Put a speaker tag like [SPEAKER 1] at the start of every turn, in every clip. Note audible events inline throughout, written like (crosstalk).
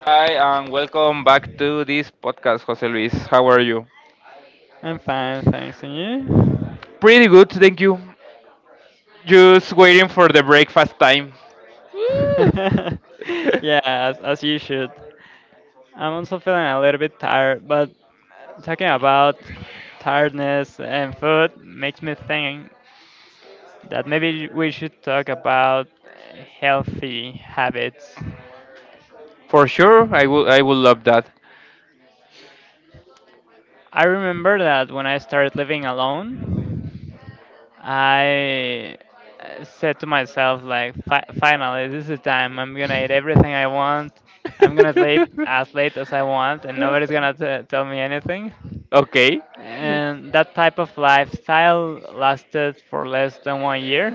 [SPEAKER 1] Hi, and welcome back to this podcast, Jose Luis. How are you?
[SPEAKER 2] I'm fine, thanks. And you?
[SPEAKER 1] Pretty good, thank you. Just waiting for the breakfast time. Woo.
[SPEAKER 2] (laughs) As you should. I'm also feeling a little bit tired, but talking about tiredness and food makes me think that maybe we should talk about healthy habits.
[SPEAKER 1] (laughs) For sure, I will. I will love that.
[SPEAKER 2] I remember that when I started living alone, I said to myself, like, finally, this is the time. I'm gonna eat everything I want. I'm gonna sleep as late as I want, and nobody's gonna tell me anything,
[SPEAKER 1] (laughs) Okay.
[SPEAKER 2] and that type of lifestyle lasted for less than 1 year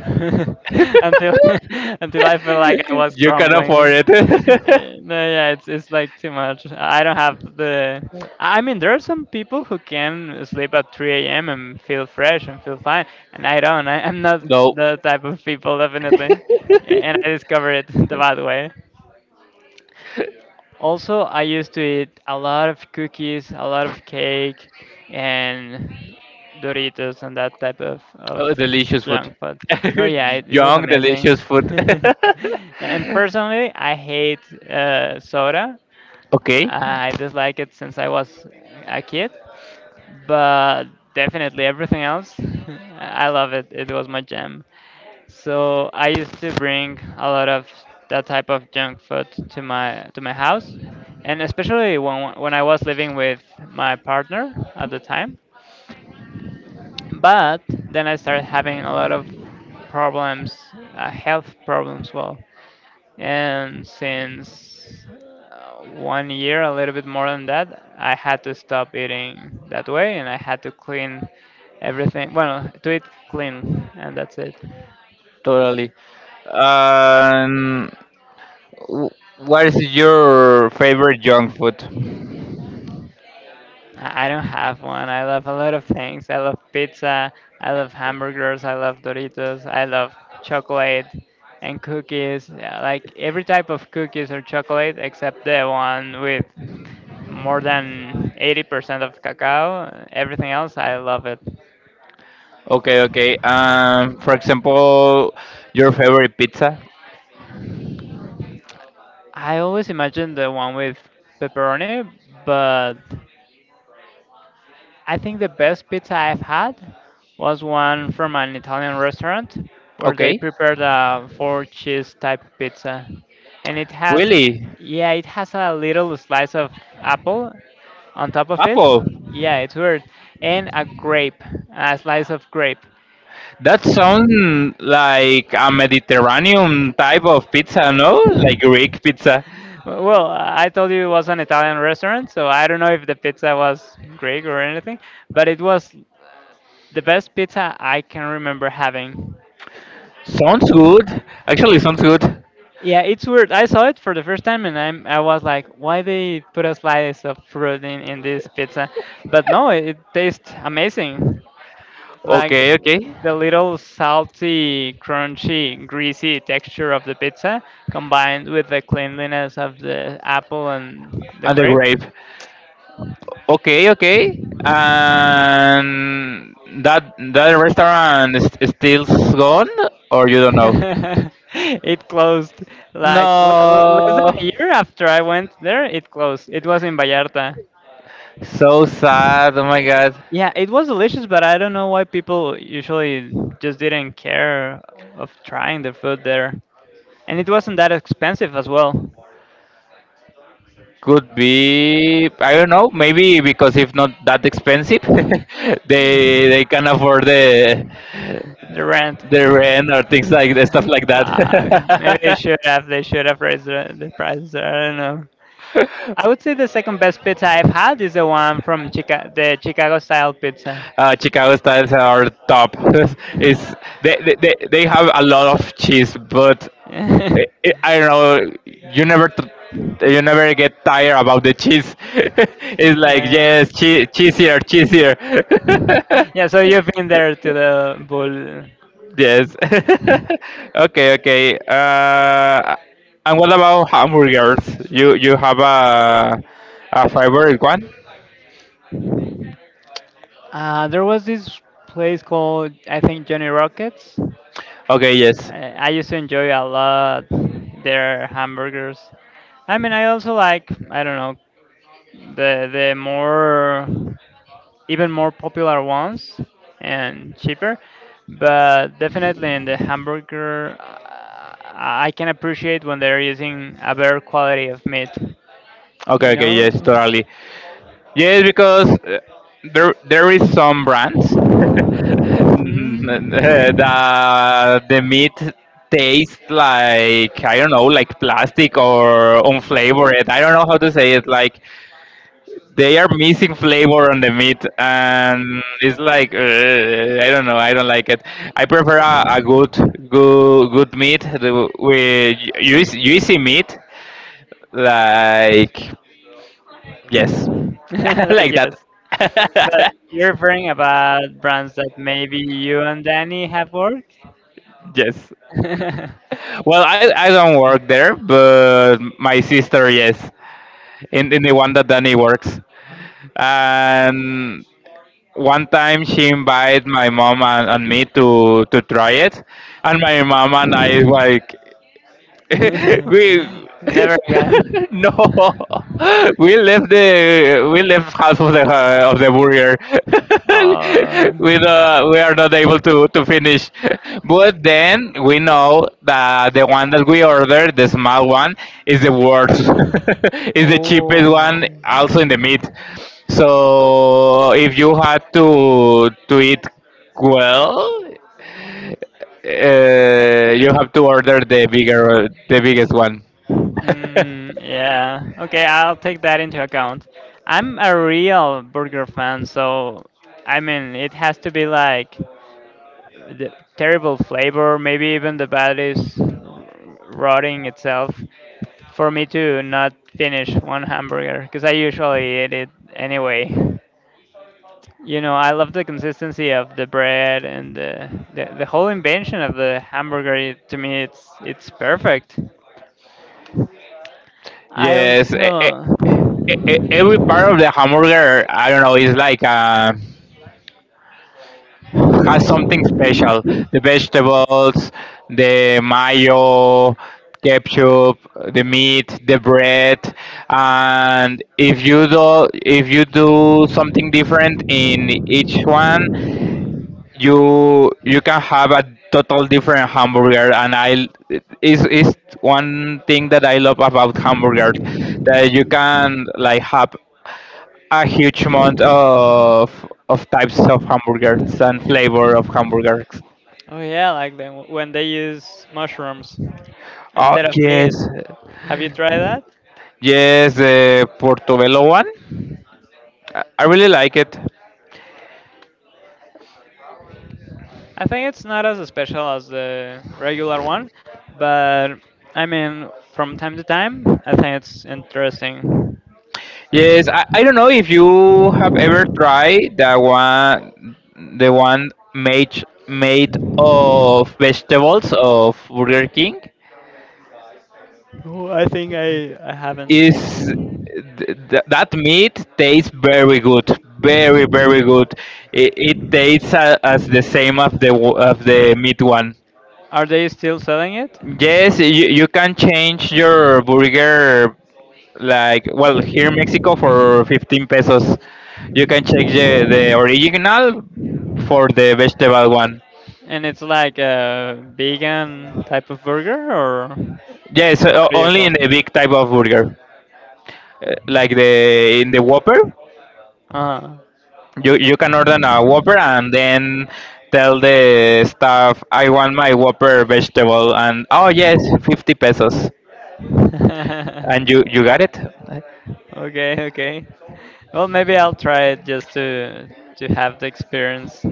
[SPEAKER 2] (laughs) until
[SPEAKER 1] (laughs)
[SPEAKER 2] (laughs) until I felt like I was
[SPEAKER 1] You can
[SPEAKER 2] crumbling.
[SPEAKER 1] afford
[SPEAKER 2] (laughs)
[SPEAKER 1] it.
[SPEAKER 2] Yeah, no, yeah, it's like too much. I don't have the. I mean, there are some people who can sleep at 3 a.m. and feel
[SPEAKER 1] (laughs)
[SPEAKER 2] fresh and feel fine, and I don't. I'm not
[SPEAKER 1] No. (laughs)
[SPEAKER 2] the type of people, definitely, and I discovered it (laughs) the bad way. Also, I used to eat a lot of cookies, a lot of cake, and Doritos and that type of
[SPEAKER 1] Oh, delicious
[SPEAKER 2] junk
[SPEAKER 1] food.
[SPEAKER 2] food. No,
[SPEAKER 1] (laughs)
[SPEAKER 2] yeah, it was
[SPEAKER 1] Young,
[SPEAKER 2] amazing.
[SPEAKER 1] delicious food.
[SPEAKER 2] (laughs)
[SPEAKER 1] (laughs)
[SPEAKER 2] and personally, I hate soda.
[SPEAKER 1] Okay.
[SPEAKER 2] I dislike it since I was a kid, but definitely everything else, (laughs) I love it. It was my jam. So I used to bring a lot of that type of junk food to my house, and especially when I was living with my partner at the time. But then I started having a lot of problems, health problems. Well, and since 1 year, a little bit more than that, I had to stop eating that way, and I had to clean everything. Well, to eat clean, and that's it.
[SPEAKER 1] Totally. Um, wh- what is your favorite junk food?
[SPEAKER 2] I don't have one. I love a lot of things. I love pizza. I love hamburgers. I love Doritos. I love chocolate and cookies. Yeah, like every type of cookies or chocolate except the one with more than 80% of cacao. Everything else, I love it.
[SPEAKER 1] Okay, okay. For example, your favorite pizza.
[SPEAKER 2] I always imagine the one with pepperoni, but I think the best pizza I've had was one from an Italian restaurant where they
[SPEAKER 1] Okay,
[SPEAKER 2] prepared a four cheese type pizza. And it has,
[SPEAKER 1] really?
[SPEAKER 2] yeah, it has a little slice of apple on top of it.
[SPEAKER 1] Apple.
[SPEAKER 2] Yeah, it's weird. And a grape, a slice of grape.
[SPEAKER 1] That sounds like a Mediterranean type of pizza, no? Like Greek pizza.
[SPEAKER 2] Well, I told you it was an Italian restaurant, so I don't know if the pizza was Greek or anything, but it was the best pizza I can remember having.
[SPEAKER 1] Sounds good. Actually, sounds good.
[SPEAKER 2] Yeah, it's weird. I saw it for the first time and I was like, why they put a slice of fruit in this pizza? But no, it tastes amazing. Like
[SPEAKER 1] Okay, okay.
[SPEAKER 2] the little salty, crunchy, greasy texture of the pizza combined with the cleanliness of the apple and the
[SPEAKER 1] And the
[SPEAKER 2] grape.
[SPEAKER 1] grape. Okay, okay. And that restaurant is still gone, or you
[SPEAKER 2] (laughs)
[SPEAKER 1] don't know?
[SPEAKER 2] it closed like less
[SPEAKER 1] No.
[SPEAKER 2] than a year after I went there, it closed. It was in Vallarta.
[SPEAKER 1] So sad. Oh my God.
[SPEAKER 2] Yeah, it was delicious, but I don't know why people usually just didn't care of trying the food there. And it wasn't that expensive as well.
[SPEAKER 1] Could be. I don't know. Maybe because if not that expensive, (laughs) they
[SPEAKER 2] Mm.
[SPEAKER 1] they can afford
[SPEAKER 2] The rent.
[SPEAKER 1] the rent or things like stuff like that.
[SPEAKER 2] Fuck. Maybe they should have. They should have raised the prices. There, I don't know. I would say the second best pizza I've had is the one from the
[SPEAKER 1] (laughs)
[SPEAKER 2] Chicago style pizza.
[SPEAKER 1] Chicago styles are top. (laughs) It's they have a lot of
[SPEAKER 2] (laughs)
[SPEAKER 1] cheese, but I, I
[SPEAKER 2] (laughs)
[SPEAKER 1] I don't know. You never get tired about the cheese. (laughs) It's like
[SPEAKER 2] Uh,
[SPEAKER 1] yes, cheese, cheese here, cheese here.
[SPEAKER 2] yeah, so you've been there
[SPEAKER 1] (laughs)
[SPEAKER 2] to the bull.
[SPEAKER 1] Yes. (laughs) Okay, okay. And what about hamburgers? You have a favorite one?
[SPEAKER 2] There was this place called, I think, Johnny Rockets.
[SPEAKER 1] Okay, yes.
[SPEAKER 2] I used to enjoy a lot their hamburgers. I mean, I also like, I don't know, the more. Even more popular ones and cheaper. But definitely in the hamburger, I can appreciate when they're using a better quality of meat.
[SPEAKER 1] Okay,
[SPEAKER 2] You
[SPEAKER 1] okay, yes,
[SPEAKER 2] know?
[SPEAKER 1] totally. Yes, because there there is some brands (laughs)
[SPEAKER 2] Hmm.
[SPEAKER 1] that the meat tastes like I don't know, like plastic or unflavored. I don't know how to say it. Like they are missing flavor on the meat, and it's like I don't know. I don't like it. I prefer a good good meat with juicy, juicy meat, like yes.
[SPEAKER 2] Yeah.
[SPEAKER 1] (laughs) I
[SPEAKER 2] (laughs) like
[SPEAKER 1] like
[SPEAKER 2] yes. But
[SPEAKER 1] that. (laughs)
[SPEAKER 2] you're referring about brands that maybe you and Danny have worked?
[SPEAKER 1] Yes.
[SPEAKER 2] (laughs)
[SPEAKER 1] Well, I don't work there, but my sister, yes, in the one that Danny works. And one time she invited my mom and me to try it. And my mom and I, like, (laughs) we
[SPEAKER 2] Never again.
[SPEAKER 1] (laughs) no (laughs) we left the we left half of the burger (laughs)
[SPEAKER 2] Oh.
[SPEAKER 1] we are not able to finish, but then we know that the one that we ordered, the small one, is the worst. (laughs) Is the cheapest
[SPEAKER 2] Oh.
[SPEAKER 1] one also in the meat, so if you had to eat, well, you have to order the bigger, the biggest one.
[SPEAKER 2] Mm,
[SPEAKER 1] (laughs)
[SPEAKER 2] yeah. Okay, I'll take that into account. I'm a real burger fan, so I mean, it has to be like the terrible flavor, maybe even the bad is rotting itself for me to not finish one hamburger because I usually eat it anyway. You know, I love the consistency of the bread and the whole invention of the hamburger. It, to me, it's perfect. I
[SPEAKER 1] Yes,
[SPEAKER 2] also
[SPEAKER 1] every part of the hamburger, I don't know, is like has something
[SPEAKER 2] Mm.
[SPEAKER 1] special. The vegetables, the mayo, ketchup, the meat, the bread, and if you do something different in each one, you can have a total different hamburger, and I is one thing that I love about hamburgers, that you can like have a huge amount of types of hamburgers and flavor of hamburgers.
[SPEAKER 2] Oh yeah, like then when they use mushrooms
[SPEAKER 1] Oh
[SPEAKER 2] instead of meat.
[SPEAKER 1] yes.
[SPEAKER 2] Have you tried that?
[SPEAKER 1] Yes, the portobello one. I really like it.
[SPEAKER 2] I think it's not as special as the regular one, but I mean, from time to time, I think it's interesting.
[SPEAKER 1] Yes, I don't know if you have ever tried the one, the one made of vegetables of Burger King.
[SPEAKER 2] Oh, I think I haven't.
[SPEAKER 1] Is that meat tastes very good, very very good. It tastes a, as the same as of the meat one.
[SPEAKER 2] Are they still selling it?
[SPEAKER 1] Yes, you can change your burger, like well here in Mexico for 15 pesos. You can check the original for the vegetable one.
[SPEAKER 2] And it's like a vegan type of burger, or
[SPEAKER 1] Yes,
[SPEAKER 2] how do you
[SPEAKER 1] only
[SPEAKER 2] call
[SPEAKER 1] in
[SPEAKER 2] it?
[SPEAKER 1] the big type of burger. Like the in the Whopper, you can order a Whopper and then tell the staff I want my Whopper vegetable, and oh yes, 50 pesos.
[SPEAKER 2] Uh, (laughs)
[SPEAKER 1] And you got it. Eh,
[SPEAKER 2] okay, okay. Well, maybe I'll try it just to have the experience.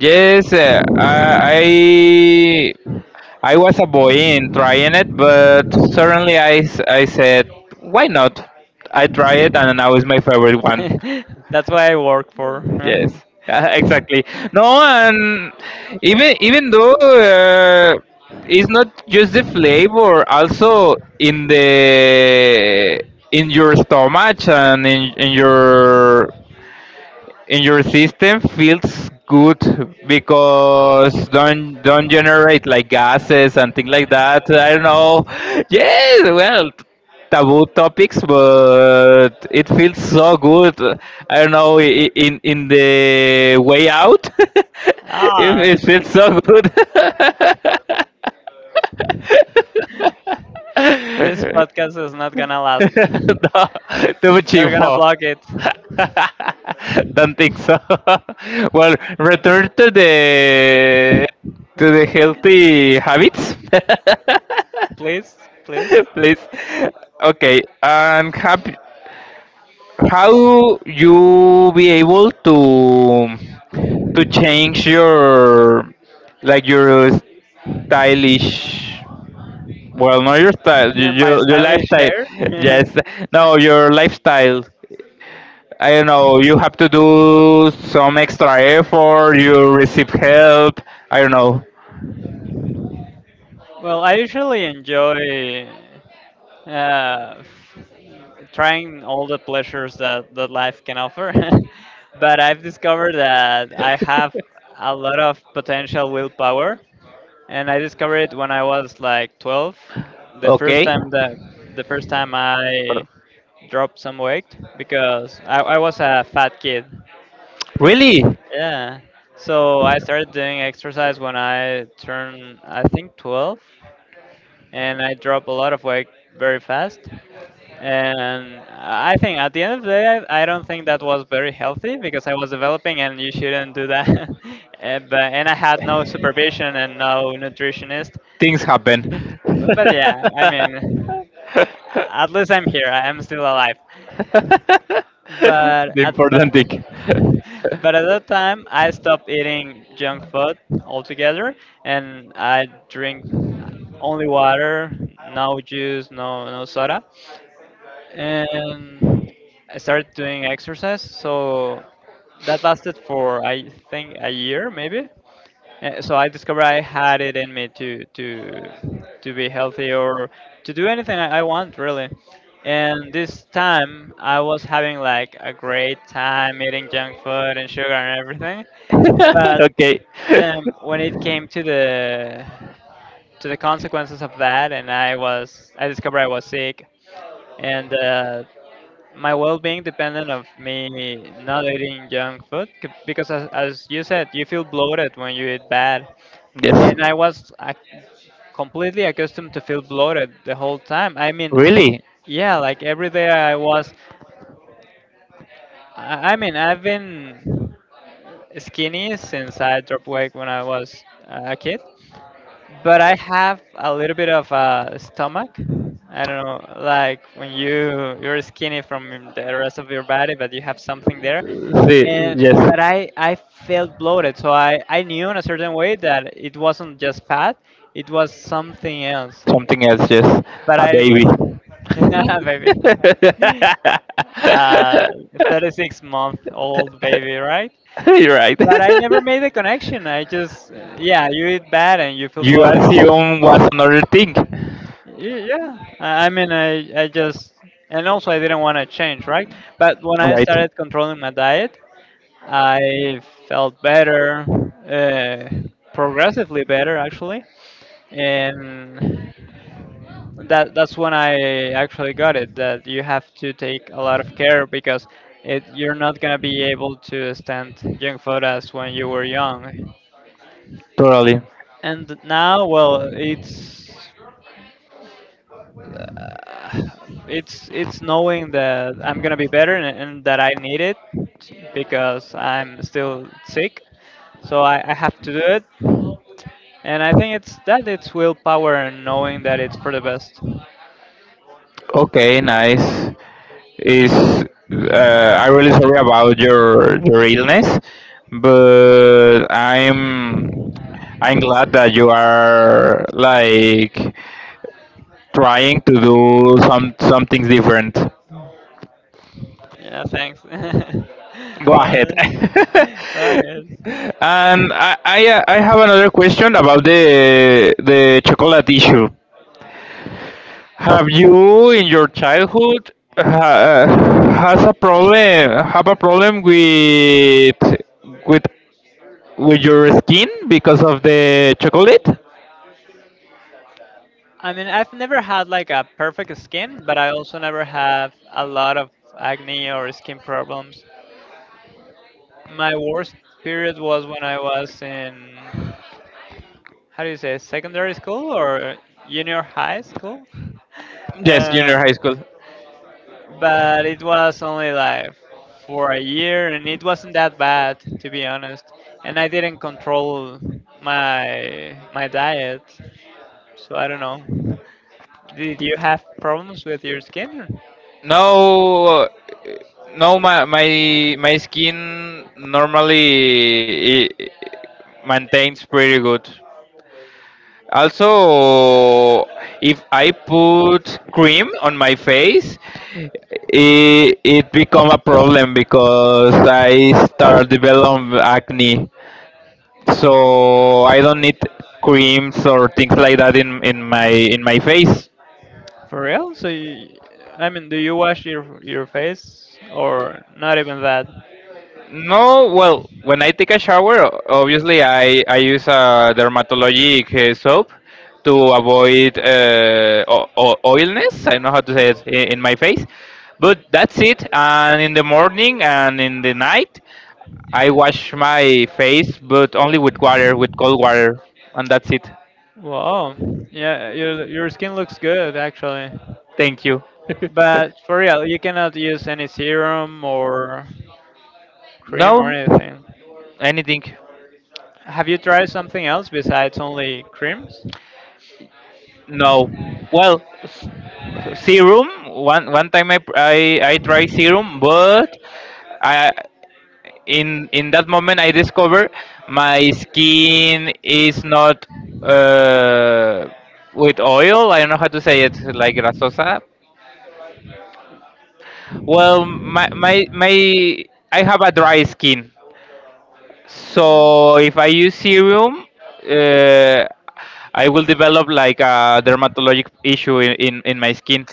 [SPEAKER 1] yes, I I was a boy in trying it, but suddenly I said, why not? I try it, and now it's my favorite one.
[SPEAKER 2] (laughs) That's why I work for.
[SPEAKER 1] Yes, (laughs) yeah, exactly. No, and
[SPEAKER 2] (laughs)
[SPEAKER 1] even though it's not just the flavor, also in the in your stomach and in your system feels good, because don't generate like gases and things like that. I don't know. Yes, well, taboo topics, but it feels so good. I don't know in the way out. (laughs) it,
[SPEAKER 2] Ah,
[SPEAKER 1] it feels so good.
[SPEAKER 2] this
[SPEAKER 1] (laughs)
[SPEAKER 2] podcast is not gonna last.
[SPEAKER 1] No, too much
[SPEAKER 2] They're gonna
[SPEAKER 1] info.
[SPEAKER 2] block it.
[SPEAKER 1] (laughs) Don't think so. (laughs) Well, return to the healthy habits,
[SPEAKER 2] Please, please.
[SPEAKER 1] (laughs) please. Okay, and how you be able to change your like your stylish, well not your style,
[SPEAKER 2] (laughs) My
[SPEAKER 1] your
[SPEAKER 2] stylish
[SPEAKER 1] lifestyle,
[SPEAKER 2] hair. (laughs)
[SPEAKER 1] yes, no your lifestyle, I don't know, you have to do some extra effort, you receive help, I don't know.
[SPEAKER 2] well, I usually enjoy uh, trying all the pleasures that life can offer. (laughs) but I've discovered that I have a lot of potential willpower, and I discovered it when I was like 12. The first
[SPEAKER 1] Okay.
[SPEAKER 2] time that the first time
[SPEAKER 1] Pardon.
[SPEAKER 2] I dropped some weight because I was a fat kid.
[SPEAKER 1] Really?
[SPEAKER 2] Yeah. So I started doing exercise when I turned, I think, 12, and I dropped a lot of weight very fast. And I think at the end of the day, I don't think that was very healthy because I was developing, and you shouldn't do that. (laughs) and, but, and I had no supervision and no nutritionist.
[SPEAKER 1] Things happen. (laughs)
[SPEAKER 2] But yeah, I mean,
[SPEAKER 1] The
[SPEAKER 2] at least I'm here. I am still alive. But at
[SPEAKER 1] important
[SPEAKER 2] the
[SPEAKER 1] thing.
[SPEAKER 2] (laughs) but at that
[SPEAKER 1] (laughs)
[SPEAKER 2] time, I stopped eating junk food altogether, and I drink only water, no juice, no soda, and I started doing exercise. So that lasted for I think a year maybe, so I discovered I had it in me to to be healthy or to do anything I want really. And this time I was having like a great time eating junk food and sugar and everything.
[SPEAKER 1] (laughs)
[SPEAKER 2] But
[SPEAKER 1] Okay.
[SPEAKER 2] then when it came to the consequences of that, and I discovered I was sick, and my well-being depended of me not eating junk food because as you said, you feel bloated when you eat bad,
[SPEAKER 1] Yes.
[SPEAKER 2] and I was ac completely accustomed to feel bloated the whole time. I mean,
[SPEAKER 1] Really?
[SPEAKER 2] yeah, like every day I was. I mean, I've been skinny since I dropped weight when I was a kid, but I have a little bit of a stomach. I don't know, like when you you're skinny from the rest of your body, but you have something there.
[SPEAKER 1] See,
[SPEAKER 2] And
[SPEAKER 1] yes,
[SPEAKER 2] but I felt bloated, so I knew in a certain way that it wasn't just fat, it was something else.
[SPEAKER 1] something else, yes,
[SPEAKER 2] But
[SPEAKER 1] a
[SPEAKER 2] I
[SPEAKER 1] baby. (laughs)
[SPEAKER 2] (laughs) baby, uh, 36-month-old baby, right?
[SPEAKER 1] You're right.
[SPEAKER 2] But I never
[SPEAKER 1] (laughs)
[SPEAKER 2] made the connection. I just, yeah, you eat bad and you feel
[SPEAKER 1] You
[SPEAKER 2] bloated.
[SPEAKER 1] assume what's another thing.
[SPEAKER 2] Yeah, I mean, I just, and also I didn't want to change, right? But when I
[SPEAKER 1] Right.
[SPEAKER 2] started controlling my diet, I felt better, uh, progressively better actually, and that's when I actually got it. That you have to take a lot of care because it you're not gonna be able to stand junk food as when you were young.
[SPEAKER 1] Totally.
[SPEAKER 2] And now, well, it's uh, it's knowing that I'm gonna be better and that I need it because I'm still sick. So I have to do it. And I think it's that it's willpower and knowing that it's for the best.
[SPEAKER 1] Okay, nice. Is I'm really sorry about your illness, but I'm glad that you are like trying to do some things different.
[SPEAKER 2] Yeah, thanks. (laughs) well,
[SPEAKER 1] Go ahead.
[SPEAKER 2] well,
[SPEAKER 1] (laughs)
[SPEAKER 2] yes.
[SPEAKER 1] And I have another question about the chocolate issue. Have you in your childhood uh, has a problem have a problem with with your skin because of the chocolate?
[SPEAKER 2] I mean, I've never had like a perfect skin, but I also never have a lot of acne or skin problems. My worst period was when I was in, how do you say, secondary school or junior high school? (laughs)
[SPEAKER 1] Yes,
[SPEAKER 2] Uh,
[SPEAKER 1] junior high school.
[SPEAKER 2] but it was only like for a year and it wasn't that bad to be honest, and I didn't control my diet. So I don't know. Did you have problems with your skin?
[SPEAKER 1] No, no, my my skin normally i- maintains pretty good. Also, if I put cream on my face, it become a problem because I start developing acne. So I don't need creams or things like that in in my face.
[SPEAKER 2] For real? So you, I mean, do you wash your face or not even that?
[SPEAKER 1] No, well, when I take a shower, obviously I use a dermatologic soap to avoid oilness. I know how to say it in my face, but that's it. And in the morning and in the night, I wash my face, but only with water, with cold water, and that's it.
[SPEAKER 2] Wow. Yeah, your skin looks good actually.
[SPEAKER 1] Thank you. (laughs)
[SPEAKER 2] But for real, you cannot use any serum or cream or
[SPEAKER 1] No,
[SPEAKER 2] anything.
[SPEAKER 1] anything.
[SPEAKER 2] Have you tried something else besides only creams?
[SPEAKER 1] No. Well, serum. One one time I tried serum, but I in that moment I discover my skin is not uh, with oil. I don't know how to say it, like grasosa. Well, my I have a dry skin, so if I use serum, uh, I will develop like a dermatologic issue in my skin.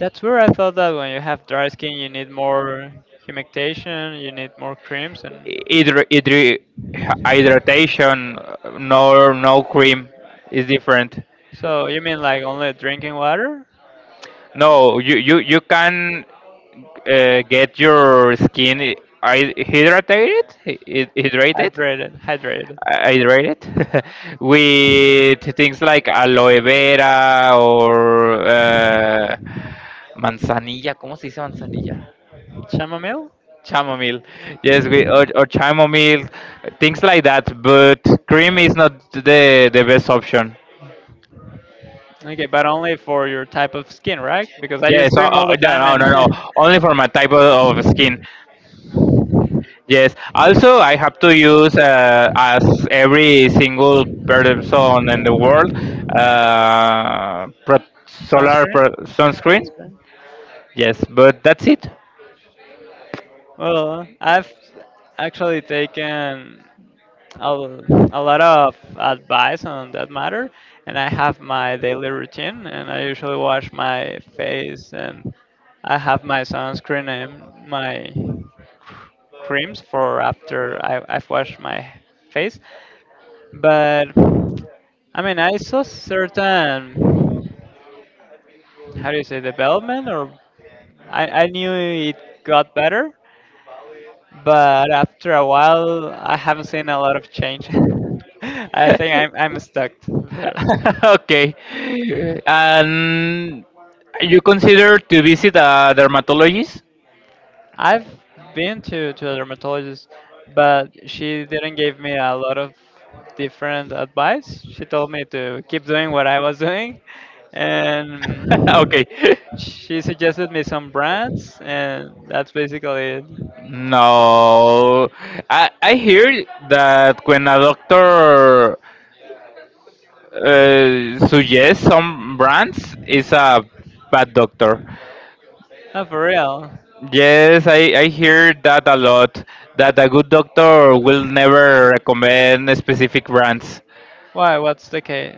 [SPEAKER 2] That's where I thought that when you have dry skin, you need more humectation, you need more creams, and
[SPEAKER 1] hydr- hydri- Hydration, nor no cream is different.
[SPEAKER 2] so you mean like only drinking water?
[SPEAKER 1] No you, you can get your skin hydrated,
[SPEAKER 2] Hydrated, hydrated.
[SPEAKER 1] hydrated (laughs) with things like aloe vera or manzanilla, cómo se dice manzanilla.
[SPEAKER 2] Chamomile?
[SPEAKER 1] Chamomile. Yes, we or chamomile, things like that. But cream is not the the best option.
[SPEAKER 2] Okay, but only for your type of skin, right? Because I use
[SPEAKER 1] Yes,
[SPEAKER 2] cream all the time
[SPEAKER 1] no, no, no, no.
[SPEAKER 2] and
[SPEAKER 1] Only for my type of skin. Yes. Also, I have to use as every single person in the world
[SPEAKER 2] (laughs) sunscreen.
[SPEAKER 1] sunscreen.
[SPEAKER 2] Sunscreen.
[SPEAKER 1] Yes, but that's it.
[SPEAKER 2] Well, I've actually taken. A lot of advice on that matter, and I have my daily routine, and I usually wash my face, and I have my sunscreen and my creams for after I've washed my face. But I mean, I saw certain, how do you say, development, or I knew it got better, but after a while, I haven't seen a lot of change. (laughs) I think I'm stuck there.
[SPEAKER 1] (laughs) Okay. And you consider to visit a dermatologist?
[SPEAKER 2] I've been to a dermatologist, but she didn't give me a lot of different advice. She told me to keep doing what I was doing, and
[SPEAKER 1] (laughs) Okay.
[SPEAKER 2] she suggested me some brands, and that's basically it.
[SPEAKER 1] No. I hear that when a doctor so yes, some brands is a bad doctor.
[SPEAKER 2] Oh, for real?
[SPEAKER 1] Yes, I hear that a lot. That a good doctor will never recommend specific brands,
[SPEAKER 2] Why? What's the case?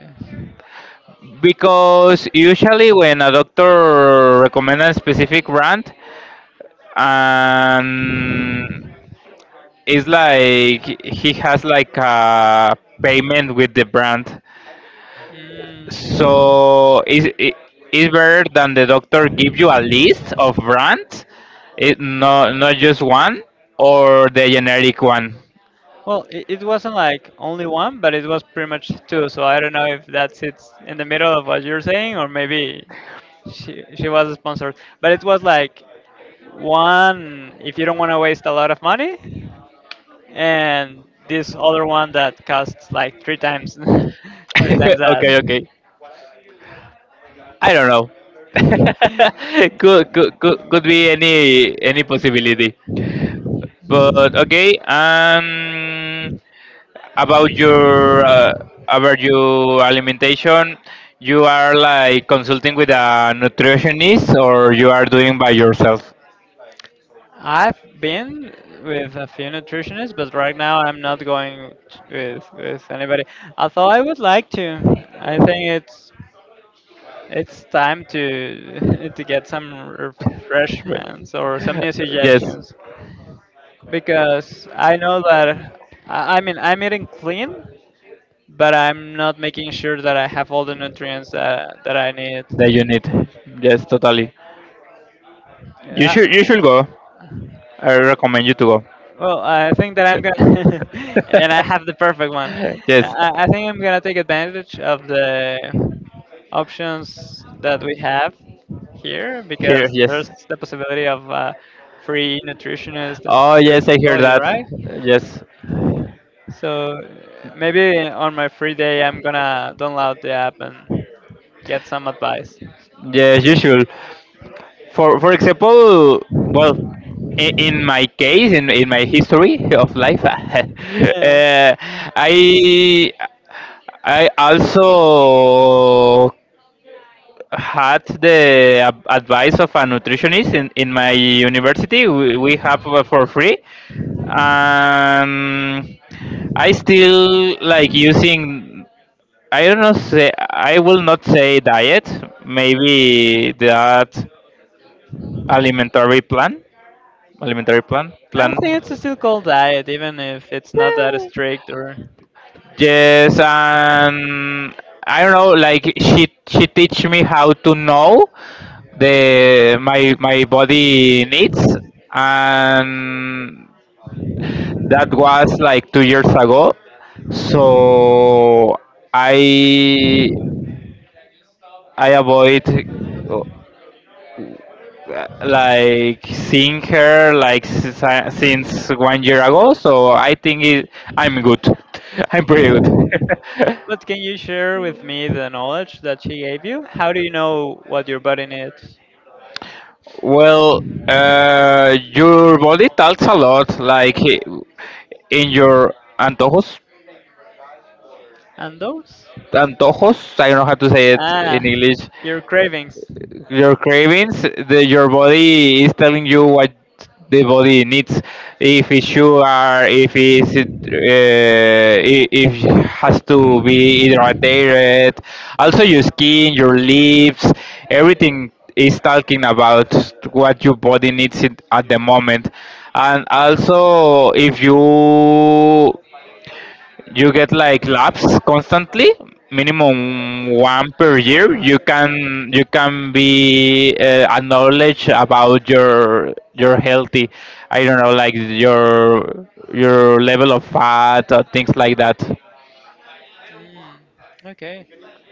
[SPEAKER 1] because usually when a doctor recommends a specific brand, and it's like he has like a payment with the brand,
[SPEAKER 2] Mm.
[SPEAKER 1] so it's, it, it's better than the doctor give you a list of brands, it no not just one, or the generic one.
[SPEAKER 2] Well, it wasn't like only one, but it was pretty much two. So I don't know if that's, it's in the middle of what you're saying, or maybe she was sponsored. But it was like one if you don't want to waste a lot of money, and this other one that costs like three times, (laughs) three times
[SPEAKER 1] (laughs)
[SPEAKER 2] that.
[SPEAKER 1] Okay, okay, I don't know. (laughs)
[SPEAKER 2] (laughs)
[SPEAKER 1] Could be any possibility, but okay. Um, about your uh, about your alimentation, you are like consulting with a nutritionist or you are doing by yourself?
[SPEAKER 2] I've been with a few nutritionists, but right now I'm not going with anybody. Although I would like to. I think it's time to (laughs) to get some refreshments or some new
[SPEAKER 1] Yes,
[SPEAKER 2] suggestions, because I know that I mean, I'm eating clean, but I'm not making sure that I have all the nutrients that I
[SPEAKER 1] the
[SPEAKER 2] need.
[SPEAKER 1] unit. Yes, totally.
[SPEAKER 2] Yeah.
[SPEAKER 1] You should go. I recommend you to go.
[SPEAKER 2] Well, I think that I'm gonna, (laughs) and I have the
[SPEAKER 1] (laughs)
[SPEAKER 2] perfect one.
[SPEAKER 1] Yes,
[SPEAKER 2] I think I'm gonna take advantage of the options that we have here,
[SPEAKER 1] here.
[SPEAKER 2] because
[SPEAKER 1] Yes.
[SPEAKER 2] there's the possibility of free nutritionist and
[SPEAKER 1] Oh
[SPEAKER 2] free
[SPEAKER 1] yes, I hear
[SPEAKER 2] psychology,
[SPEAKER 1] that.
[SPEAKER 2] right?
[SPEAKER 1] Yes,
[SPEAKER 2] So maybe on my free day, I'm gonna download the app and get some advice. (laughs)
[SPEAKER 1] yes, you should. For example, well, in my case, in my history of life, (laughs)
[SPEAKER 2] Yeah.
[SPEAKER 1] I I also had the advice of a nutritionist in my university. We have for free. Um, I still like using. I don't know. Say I will not say diet. Maybe that alimentary plan.
[SPEAKER 2] I
[SPEAKER 1] Plan.
[SPEAKER 2] think it's a still called diet, even if it's not that
[SPEAKER 1] Eh,
[SPEAKER 2] strict or.
[SPEAKER 1] yes, and I don't know. Like she teach me how to know the my body needs, and that was like 2 years ago. So I I avoid uh, like seeing her like since, since 1 year ago. So I think it, I'm good. (laughs) I'm pretty good.
[SPEAKER 2] But
[SPEAKER 1] (laughs)
[SPEAKER 2] can you share with me the knowledge that she gave you? How do you know what your body needs?
[SPEAKER 1] Well, your body talks a lot, like in your antojos.
[SPEAKER 2] And those?
[SPEAKER 1] Antojos, I don't know how to say it
[SPEAKER 2] Ah,
[SPEAKER 1] in English.
[SPEAKER 2] your cravings.
[SPEAKER 1] Your cravings. The your body is telling you what the body needs, if it's sugar, if it's if it has to be hydrated. Also your skin, your lips, everything is talking about what your body needs it at the moment. And also if you you get like laps constantly, minimum one per year, you can be acknowledged about your healthy, I don't know, like your level of fat or things like that.
[SPEAKER 2] Mm, okay.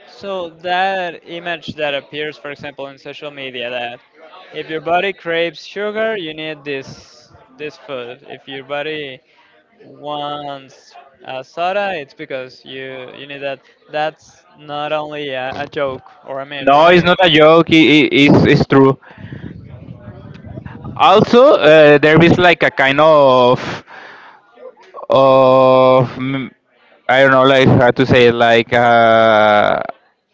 [SPEAKER 2] So that image that appears, for example, in social media, that if your body craves sugar, you need this food. If your body once a soda, it's because you need that. That's not only a joke or a meme,
[SPEAKER 1] No, it's
[SPEAKER 2] right?
[SPEAKER 1] not a joke. It's true. Also, there is like a kind of of mm, I don't know, like how to say it,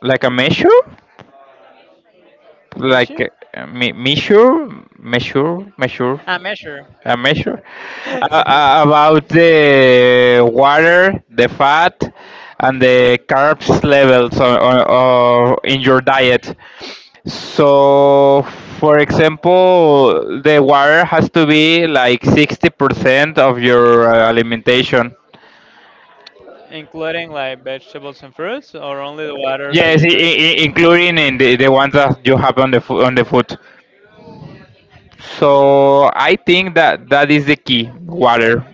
[SPEAKER 1] like a measure, like
[SPEAKER 2] Measure?
[SPEAKER 1] measure, measure, measure.
[SPEAKER 2] A measure.
[SPEAKER 1] A measure
[SPEAKER 2] (laughs)
[SPEAKER 1] about the water, the fat, and the carbs levels on, in your diet. So, for example, the water has to be like 60% of your alimentation.
[SPEAKER 2] Including like vegetables and fruits, or only the water that
[SPEAKER 1] Yes,
[SPEAKER 2] you drink.
[SPEAKER 1] including in the ones that you have on on the food. So I think that that is the key, water,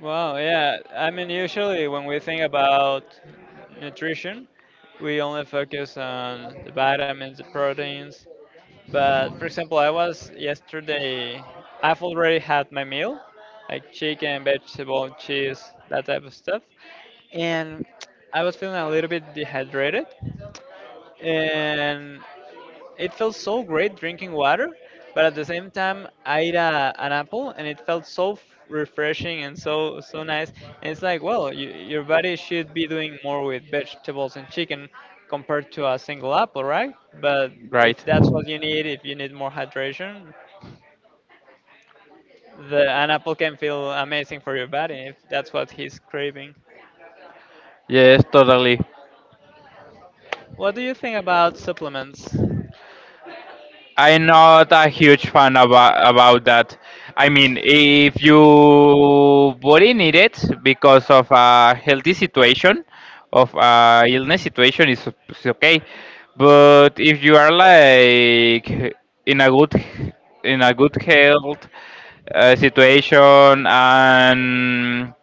[SPEAKER 2] Wow, yeah. I mean, usually when we think about nutrition, we only focus on the vitamins, the proteins. But for example, I was yesterday, I've already had my meal, like chicken, vegetable, cheese, that type of stuff, and I was feeling a little bit dehydrated. And it felt so great drinking water, but at the same time, I ate a, an apple, and it felt so refreshing and so nice. And it's like, well, you, your body should be doing more with vegetables and chicken compared to a single apple, right? But
[SPEAKER 1] right?
[SPEAKER 2] if that's what you need, if you need more hydration, the an apple can feel amazing for your body if that's what he's craving.
[SPEAKER 1] Yes, totally.
[SPEAKER 2] What do you think about supplements?
[SPEAKER 1] I'm not a huge fan about that. I mean, if you body need it because of a healthy situation, of a illness situation, it's okay. But if you are like in a good in a good health situation, and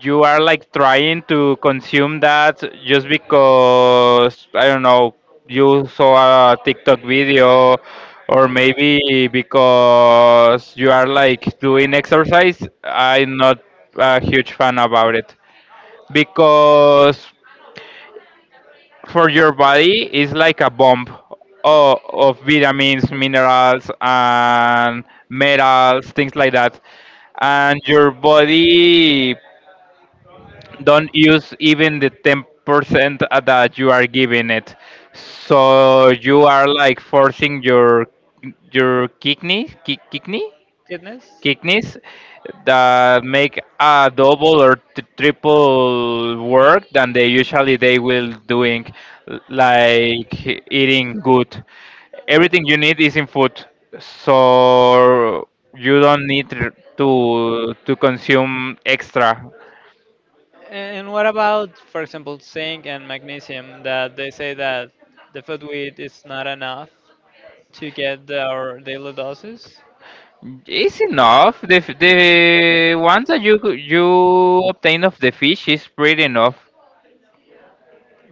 [SPEAKER 1] you are like trying to consume that just because I don't know, you saw a TikTok video, or maybe because you are like doing exercise. I'm not a huge fan about it, because for your body it's like a bomb of vitamins, minerals, and metals, things like that, and your body don't use even the 10% that you are giving it, so you are like forcing your kidney,
[SPEAKER 2] Kidneys?
[SPEAKER 1] kidneys, that make a double or triple work than they usually they will doing, like eating good, everything you need is in food, so you don't need to consume extra.
[SPEAKER 2] And what about, for example, zinc and magnesium, that they say that the food we eat is not enough to get the, our daily doses?
[SPEAKER 1] It's enough. The ones that you you obtain of the fish is pretty enough.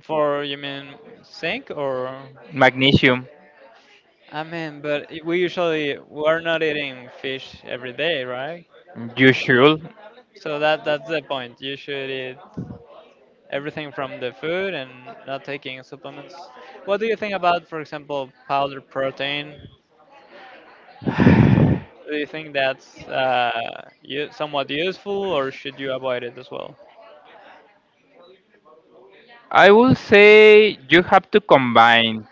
[SPEAKER 2] For you mean zinc or?
[SPEAKER 1] Magnesium,
[SPEAKER 2] I mean, but we usually we're not eating fish every day, right?
[SPEAKER 1] you should.
[SPEAKER 2] So that that's the point. You should eat everything from the food and not taking supplements. What do you think about, for example, powdered protein? Do you think that's somewhat useful, or should you avoid it as well?
[SPEAKER 1] I will say you have to combine,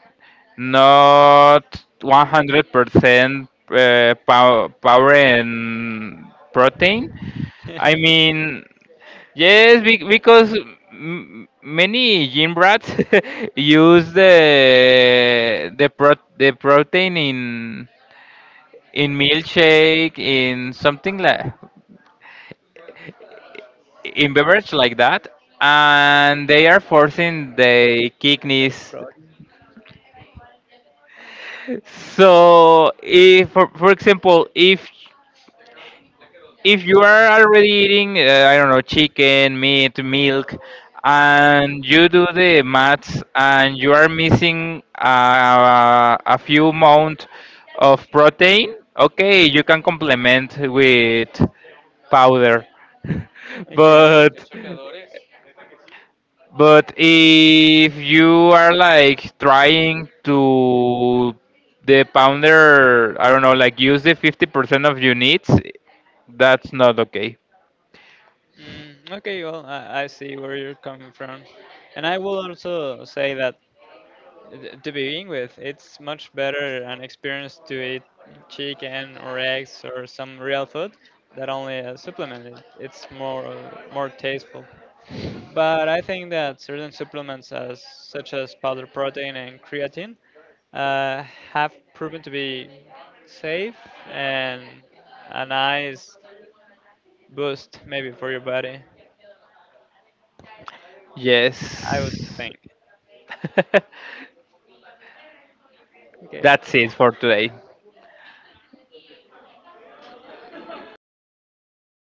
[SPEAKER 1] not 100% pow- power and protein.
[SPEAKER 2] (laughs)
[SPEAKER 1] I
[SPEAKER 2] Another
[SPEAKER 1] mean, yes, because many gym rats (laughs) use the the protein in milkshake, in something like in beverage like that, and they are forcing the kidneys.
[SPEAKER 2] problem.
[SPEAKER 1] So if, for example, if you are already eating, I don't know, chicken, meat, milk, and you do the maths and you are missing a few amount of protein, okay, you can complement with powder. (laughs)
[SPEAKER 2] Okay.
[SPEAKER 1] but But if you are like trying to the pounder, I don't know, like use the 50% of your needs, that's not okay.
[SPEAKER 2] Mm, okay, well, I see where you're coming from. And I will also say that to begin with, it's much better an experience to eat chicken or eggs or some real food that only a supplement. It's more more tasteful. But I think that certain supplements, as such as powder protein and creatine, uh, have proven to be safe and a nice boost maybe for your body, I would
[SPEAKER 1] Yes.
[SPEAKER 2] think.
[SPEAKER 1] (laughs)
[SPEAKER 2] Okay.
[SPEAKER 1] That's it for today.